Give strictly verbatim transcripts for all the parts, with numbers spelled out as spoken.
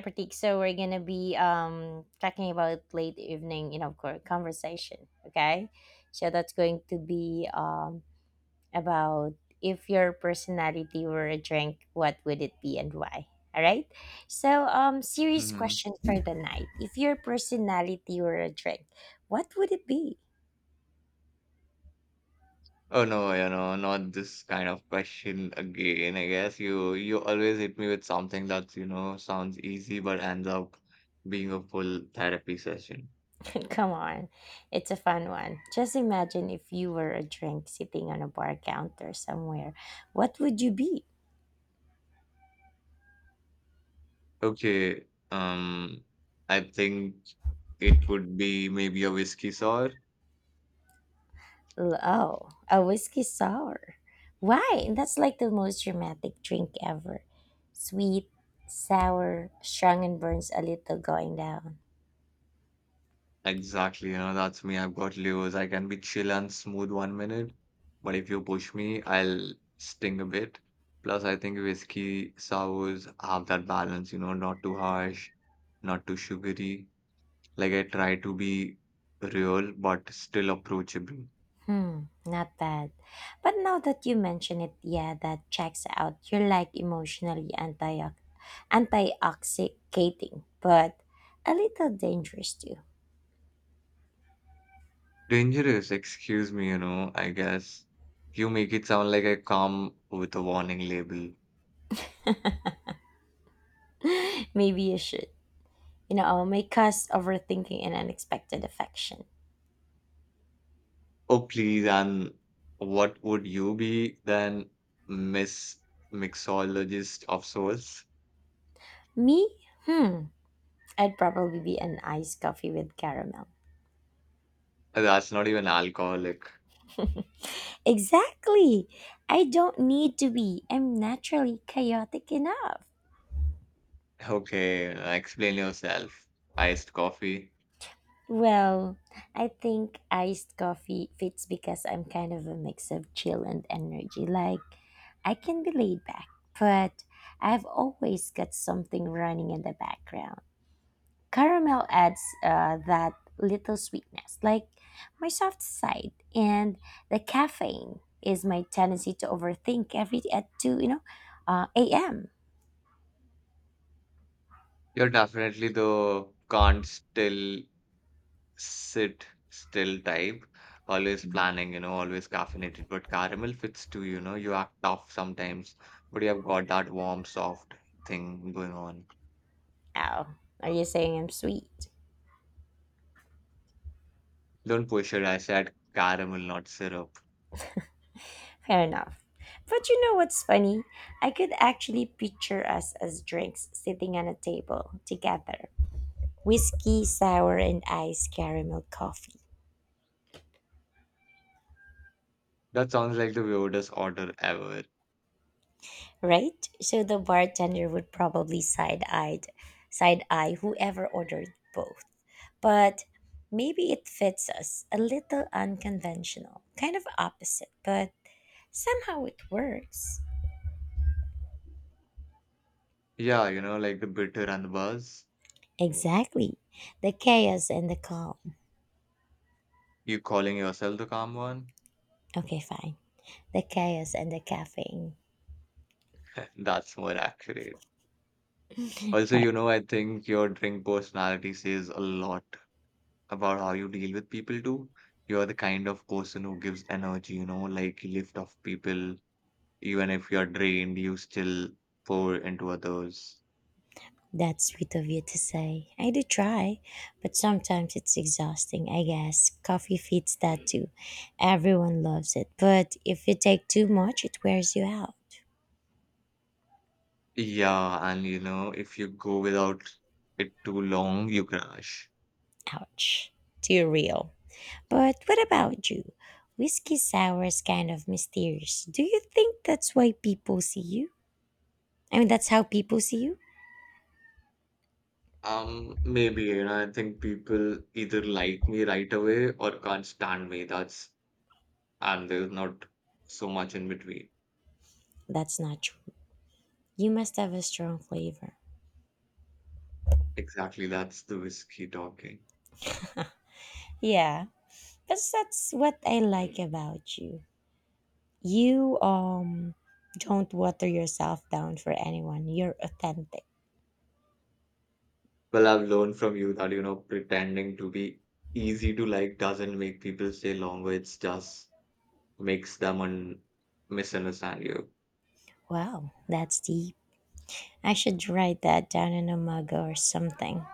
Pratik. So we're gonna be um talking about late evening, you know, co- conversation. Okay, so that's going to be um about if your personality were a drink, what would it be and why? All right. So um, serious Mhm. question for the night: if your personality were a drink, what would it be? Oh, no, you know, not this kind of question again. I guess you you always hit me with something that's, you know, sounds easy but ends up being a full therapy session. Come on, it's a fun one. Just imagine if you were a drink sitting on a bar counter somewhere. What would you be? Okay, um, I think it would be maybe a whiskey sour. L- Oh, a whiskey sour. Why? That's like the most dramatic drink ever. Sweet, sour, strong, and burns a little going down. Exactly, you know, that's me. I've got Leos. I can be chill and smooth one minute, but if you push me, I'll sting a bit. Plus, I think whiskey sours have that balance, you know, not too harsh, not too sugary. Like I try to be real, but still approachable. Hmm, not bad. But now that you mention it, yeah, that checks out. You're like emotionally anti antioxidating, but a little dangerous too. Dangerous, excuse me, you know, I guess. You make it sound like I come with a warning label. Maybe you should. You know, make us overthinking and unexpected affection. Oh, please. And what would you be then, Miss Mixologist of Souls? Me? Hmm. I'd probably be an iced coffee with caramel. That's not even alcoholic. Exactly. I don't need to be. I'm naturally chaotic enough. Okay, uh, explain yourself. Iced coffee. Well, I think iced coffee fits because I'm kind of a mix of chill and energy. Like, I can be laid back, but I've always got something running in the background. Caramel adds uh, that little sweetness, like my soft side, and the caffeine is my tendency to overthink every at two, you know, uh, a m. You're definitely the can't still sit still type. Always planning, you know, always caffeinated. But caramel fits too, you know. You act tough sometimes, but you have got that warm, soft thing going on. Oh, are you saying I'm sweet? Don't push it. I said caramel, not syrup. Fair enough. But you know what's funny? I could actually picture us as drinks sitting on a table together. Whiskey, sour, and iced caramel coffee. That sounds like the weirdest order ever. Right? So the bartender would probably side-eyed side-eye whoever ordered both. But maybe it fits us, a little unconventional, kind of opposite, but somehow it works. Yeah, you know, like the bitter and the buzz. Exactly. The chaos and the calm. You calling yourself the calm one? Okay, fine. The chaos and the caffeine. That's more accurate. Also, you know, I think your drink personality says a lot about how you deal with people too. You're the kind of person who gives energy, you know, like you lift off people. Even if you're drained, you still pour into others. That's sweet of you to say. I do try, but sometimes it's exhausting, I guess. Coffee fits that too. Everyone loves it, but if you take too much, it wears you out. Yeah, and you know, if you go without it too long, you crash. Ouch. Too real. But what about you? Whiskey sour is kind of mysterious. Do you think that's why people see you? I mean, that's how people see you? Um, maybe, you know, I think people either like me right away or can't stand me. That's, and there's not so much in between. That's not true. You must have a strong flavor. Exactly, that's the whiskey talking. Yeah, but that's what I like about you. You um don't water yourself down for anyone. You're authentic. Well, I've learned from you that, you know, pretending to be easy to like doesn't make people stay longer. It's just makes them un misunderstand you Wow, that's deep. I should write that down in a mug or something.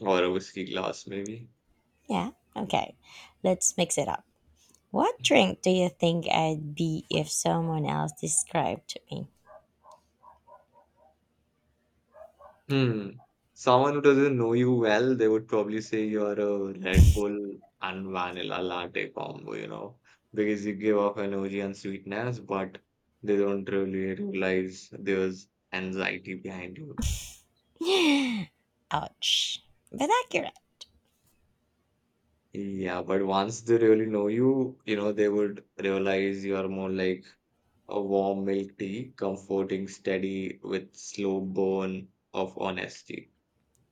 or a whiskey glass, maybe. Yeah. Okay. Let's mix it up. What drink do you think I'd be if someone else described me? Hmm. Someone who doesn't know you well, they would probably say you're a Red Bull and vanilla latte combo, you know, because you give off energy and sweetness, but they don't really realize there's anxiety behind you. Ouch. But accurate. Yeah, but once they really know you, you know, they would realize you're more like a warm milk tea, comforting, steady, with slow burn of honesty.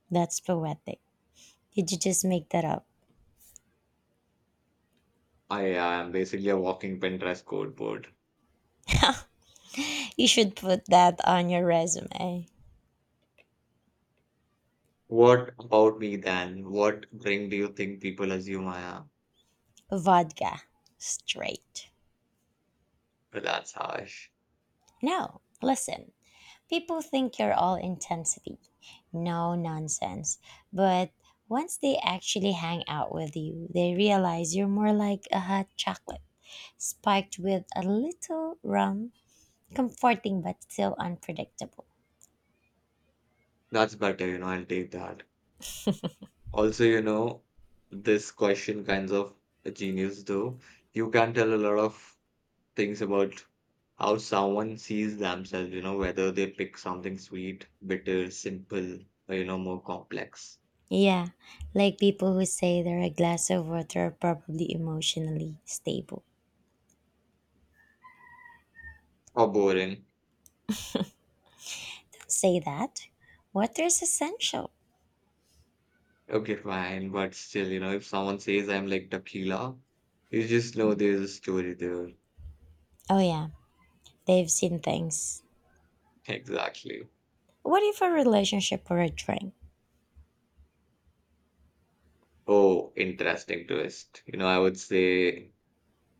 That's poetic. Did you just make that up? I am basically a walking Pinterest code board. You should put that on your resume. What about me then? What drink do you think people assume I am? Vodka. Straight. Well, that's harsh. No, listen. People think you're all intensity, no nonsense. But once they actually hang out with you, they realize you're more like a hot chocolate, spiked with a little rum, comforting but still unpredictable. That's better, you know, I'll take that. Also, you know, this question kinds of a genius though. You can tell a lot of things about how someone sees themselves, you know, whether they pick something sweet, bitter, simple, or, you know, more complex Yeah, like people who say they're a glass of water are probably emotionally stable. or boring. Don't say that. Water is essential. Okay, fine, but still, you know, if someone says I'm like tequila, you just know there's a story there. Oh, yeah, they've seen things. Exactly. What if a relationship or a drink? Oh, interesting twist. You know, I would say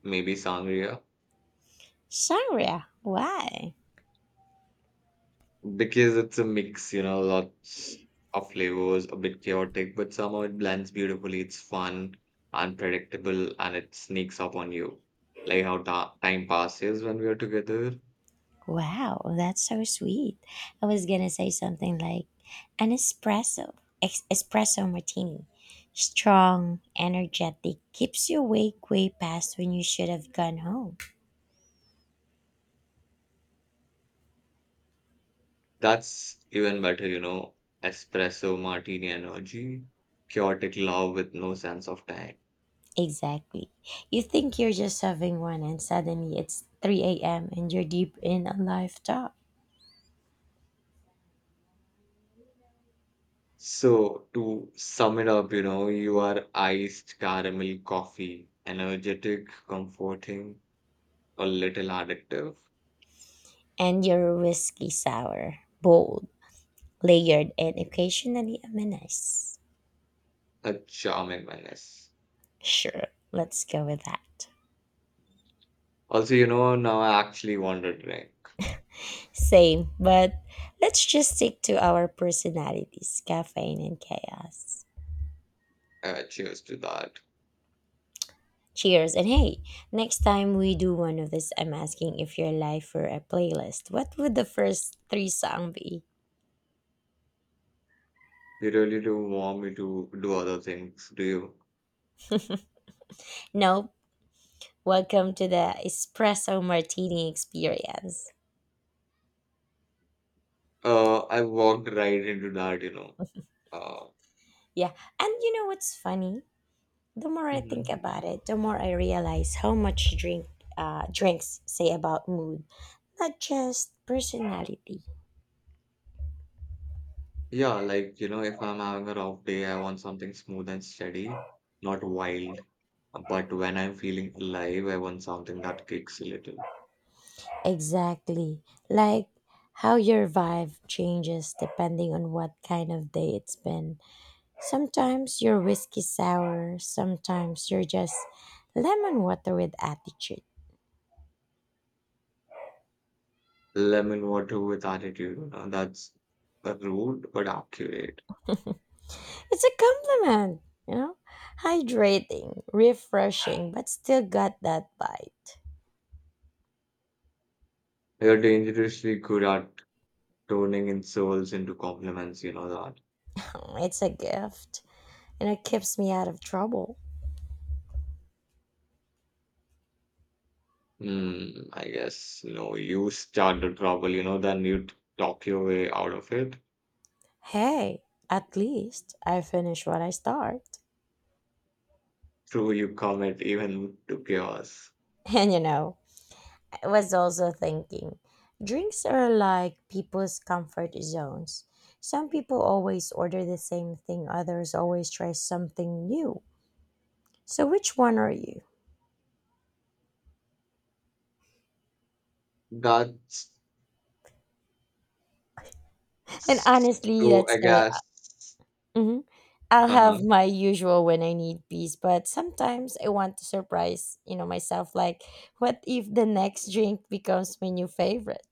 maybe sangria Sangria, why? because it's a mix, you know, lots of flavors, a bit chaotic, but somehow it blends beautifully. It's fun, unpredictable, and it sneaks up on you. Like how ta time passes when we are together. Wow, that's so sweet. I was gonna say something like an espresso, ex- espresso martini. Strong, energetic, keeps you awake way past when you should have gone home. That's even better, you know, espresso martini energy, chaotic love with no sense of time. Exactly. You think you're just having one, and suddenly it's three a m and you're deep in a live talk. So, to sum it up, you know, you are iced caramel coffee, energetic, comforting, a little addictive, And your whiskey sour, bold, layered, and occasionally a menace. a charming menace. Sure, let's go with that. Also, you know, now I actually want a drink. Same, but let's just stick to our personalities, caffeine and chaos. Uh, cheers to that. Cheers. And hey, next time we do one of this, I'm asking if your life were a playlist, what would the first three song be? You really do want me to do other things, do you? Nope. Welcome to the espresso martini experience. Uh, I walked right into that, you know. Yeah. And you know what's funny? The more Uh, I think about it, the more I realize how much drink uh, drinks say about mood, not just personality. Yeah, like, you know, if I'm having a rough day, I want something smooth and steady, not wild. But when I'm feeling alive, I want something that kicks a little. Exactly. Like how your vibe changes depending on what kind of day it's been. Sometimes you're whiskey sour, sometimes you're just lemon water with attitude. Lemon water with attitude, you know, that's uh, rude but accurate. It's a compliment, you know? Hydrating, refreshing, but still got that bite. You're dangerously good at turning insults into compliments, you know that. It's a gift, and it keeps me out of trouble. Hmm, I guess, no, you start the trouble, you know, then you t- talk your way out of it. Hey, at least I finish what I start. True, you commit even to chaos. And you know, I was also thinking, drinks are like people's comfort zones. Some people always order the same thing, others always try something new. So, which one are you? That's And honestly, So let's I say guess mhm, I'll have uh-huh. my usual when I need peace, but sometimes I want to surprise, you know, myself. Like, what if the next drink becomes my new favorite?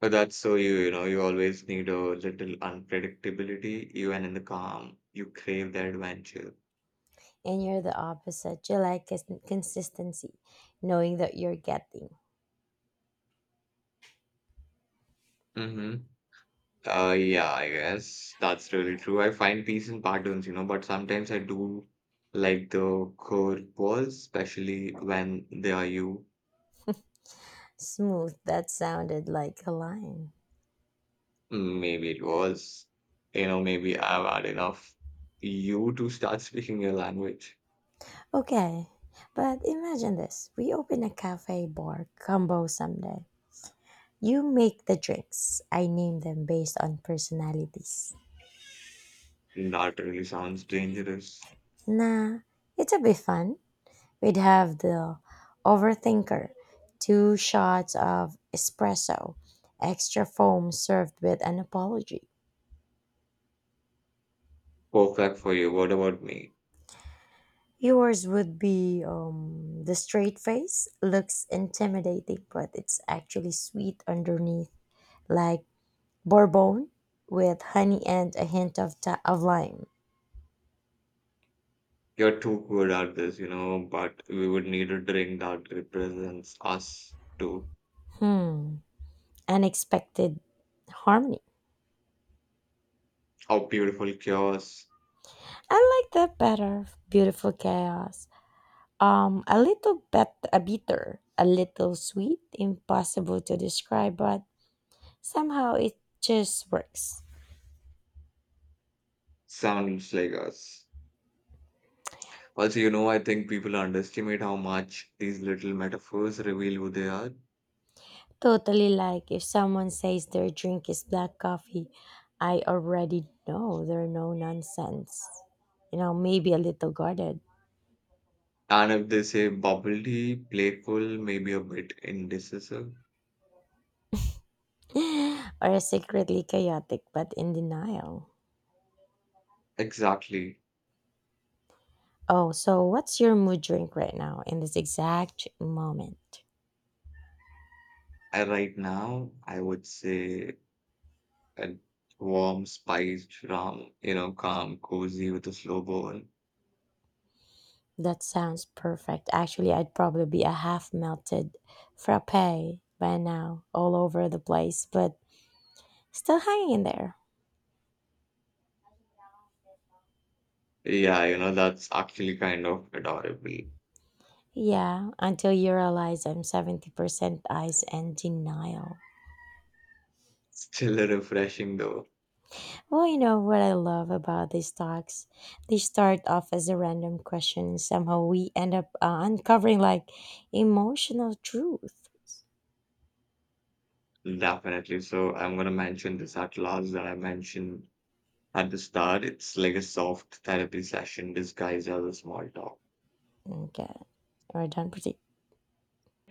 But that's so you, you know, you always need a little unpredictability, even in the calm. You crave the adventure. And you're the opposite. You like cons- consistency, knowing that you're getting. Mm-hmm. Uh, yeah, I guess that's really true. I find peace in patterns, you know, but sometimes I do like the curved balls, especially when they are you. Smooth, that sounded like a line. Maybe it was, you know, maybe I've had enough you to start speaking your language. Okay, but imagine this. We open a cafe bar combo someday. You make the drinks. I name them based on personalities. That really sounds dangerous. Nah, it's a bit fun. We'd have the overthinker, two shots of espresso, extra foam served with an apology. Perfect for you. What about me? Yours would be um, the straight face, looks intimidating, but it's actually sweet underneath, like bourbon with honey and a hint of, ta- of lime. You're too good at this, you know, but we would need a drink that represents us too. Hmm, unexpected harmony. How beautiful chaos I like that better. Beautiful chaos. Um, a little bit, a bitter, a little sweet. Impossible to describe, but somehow it just works. sounds like us. Also, you know, I think people underestimate how much these little metaphors reveal who they are. Totally, like if someone says their drink is black coffee, I already know they're no nonsense. You know, maybe a little guarded, And if they say bubbly, playful, maybe a bit indecisive. or secretly chaotic but in denial. Exactly. Oh, so what's your mood drink right now in this exact moment? I, right now, I would say a warm, spiced rum, you know, calm, cozy with a slow bowl. That sounds perfect. Actually, I'd probably be a half melted frappe by now, all over the place, but still hanging in there. Yeah, you know, that's actually kind of adorable. Yeah, until you realize I'm seventy percent ice and denial. Still refreshing though, Well, you know what I love about these talks? They start off as a random question, and somehow we end up uh, uncovering like emotional truth. definitely. So I'm gonna mention this at last that I mentioned at the start. It's like a soft therapy session disguised as a small talk. Okay, we're done pretty.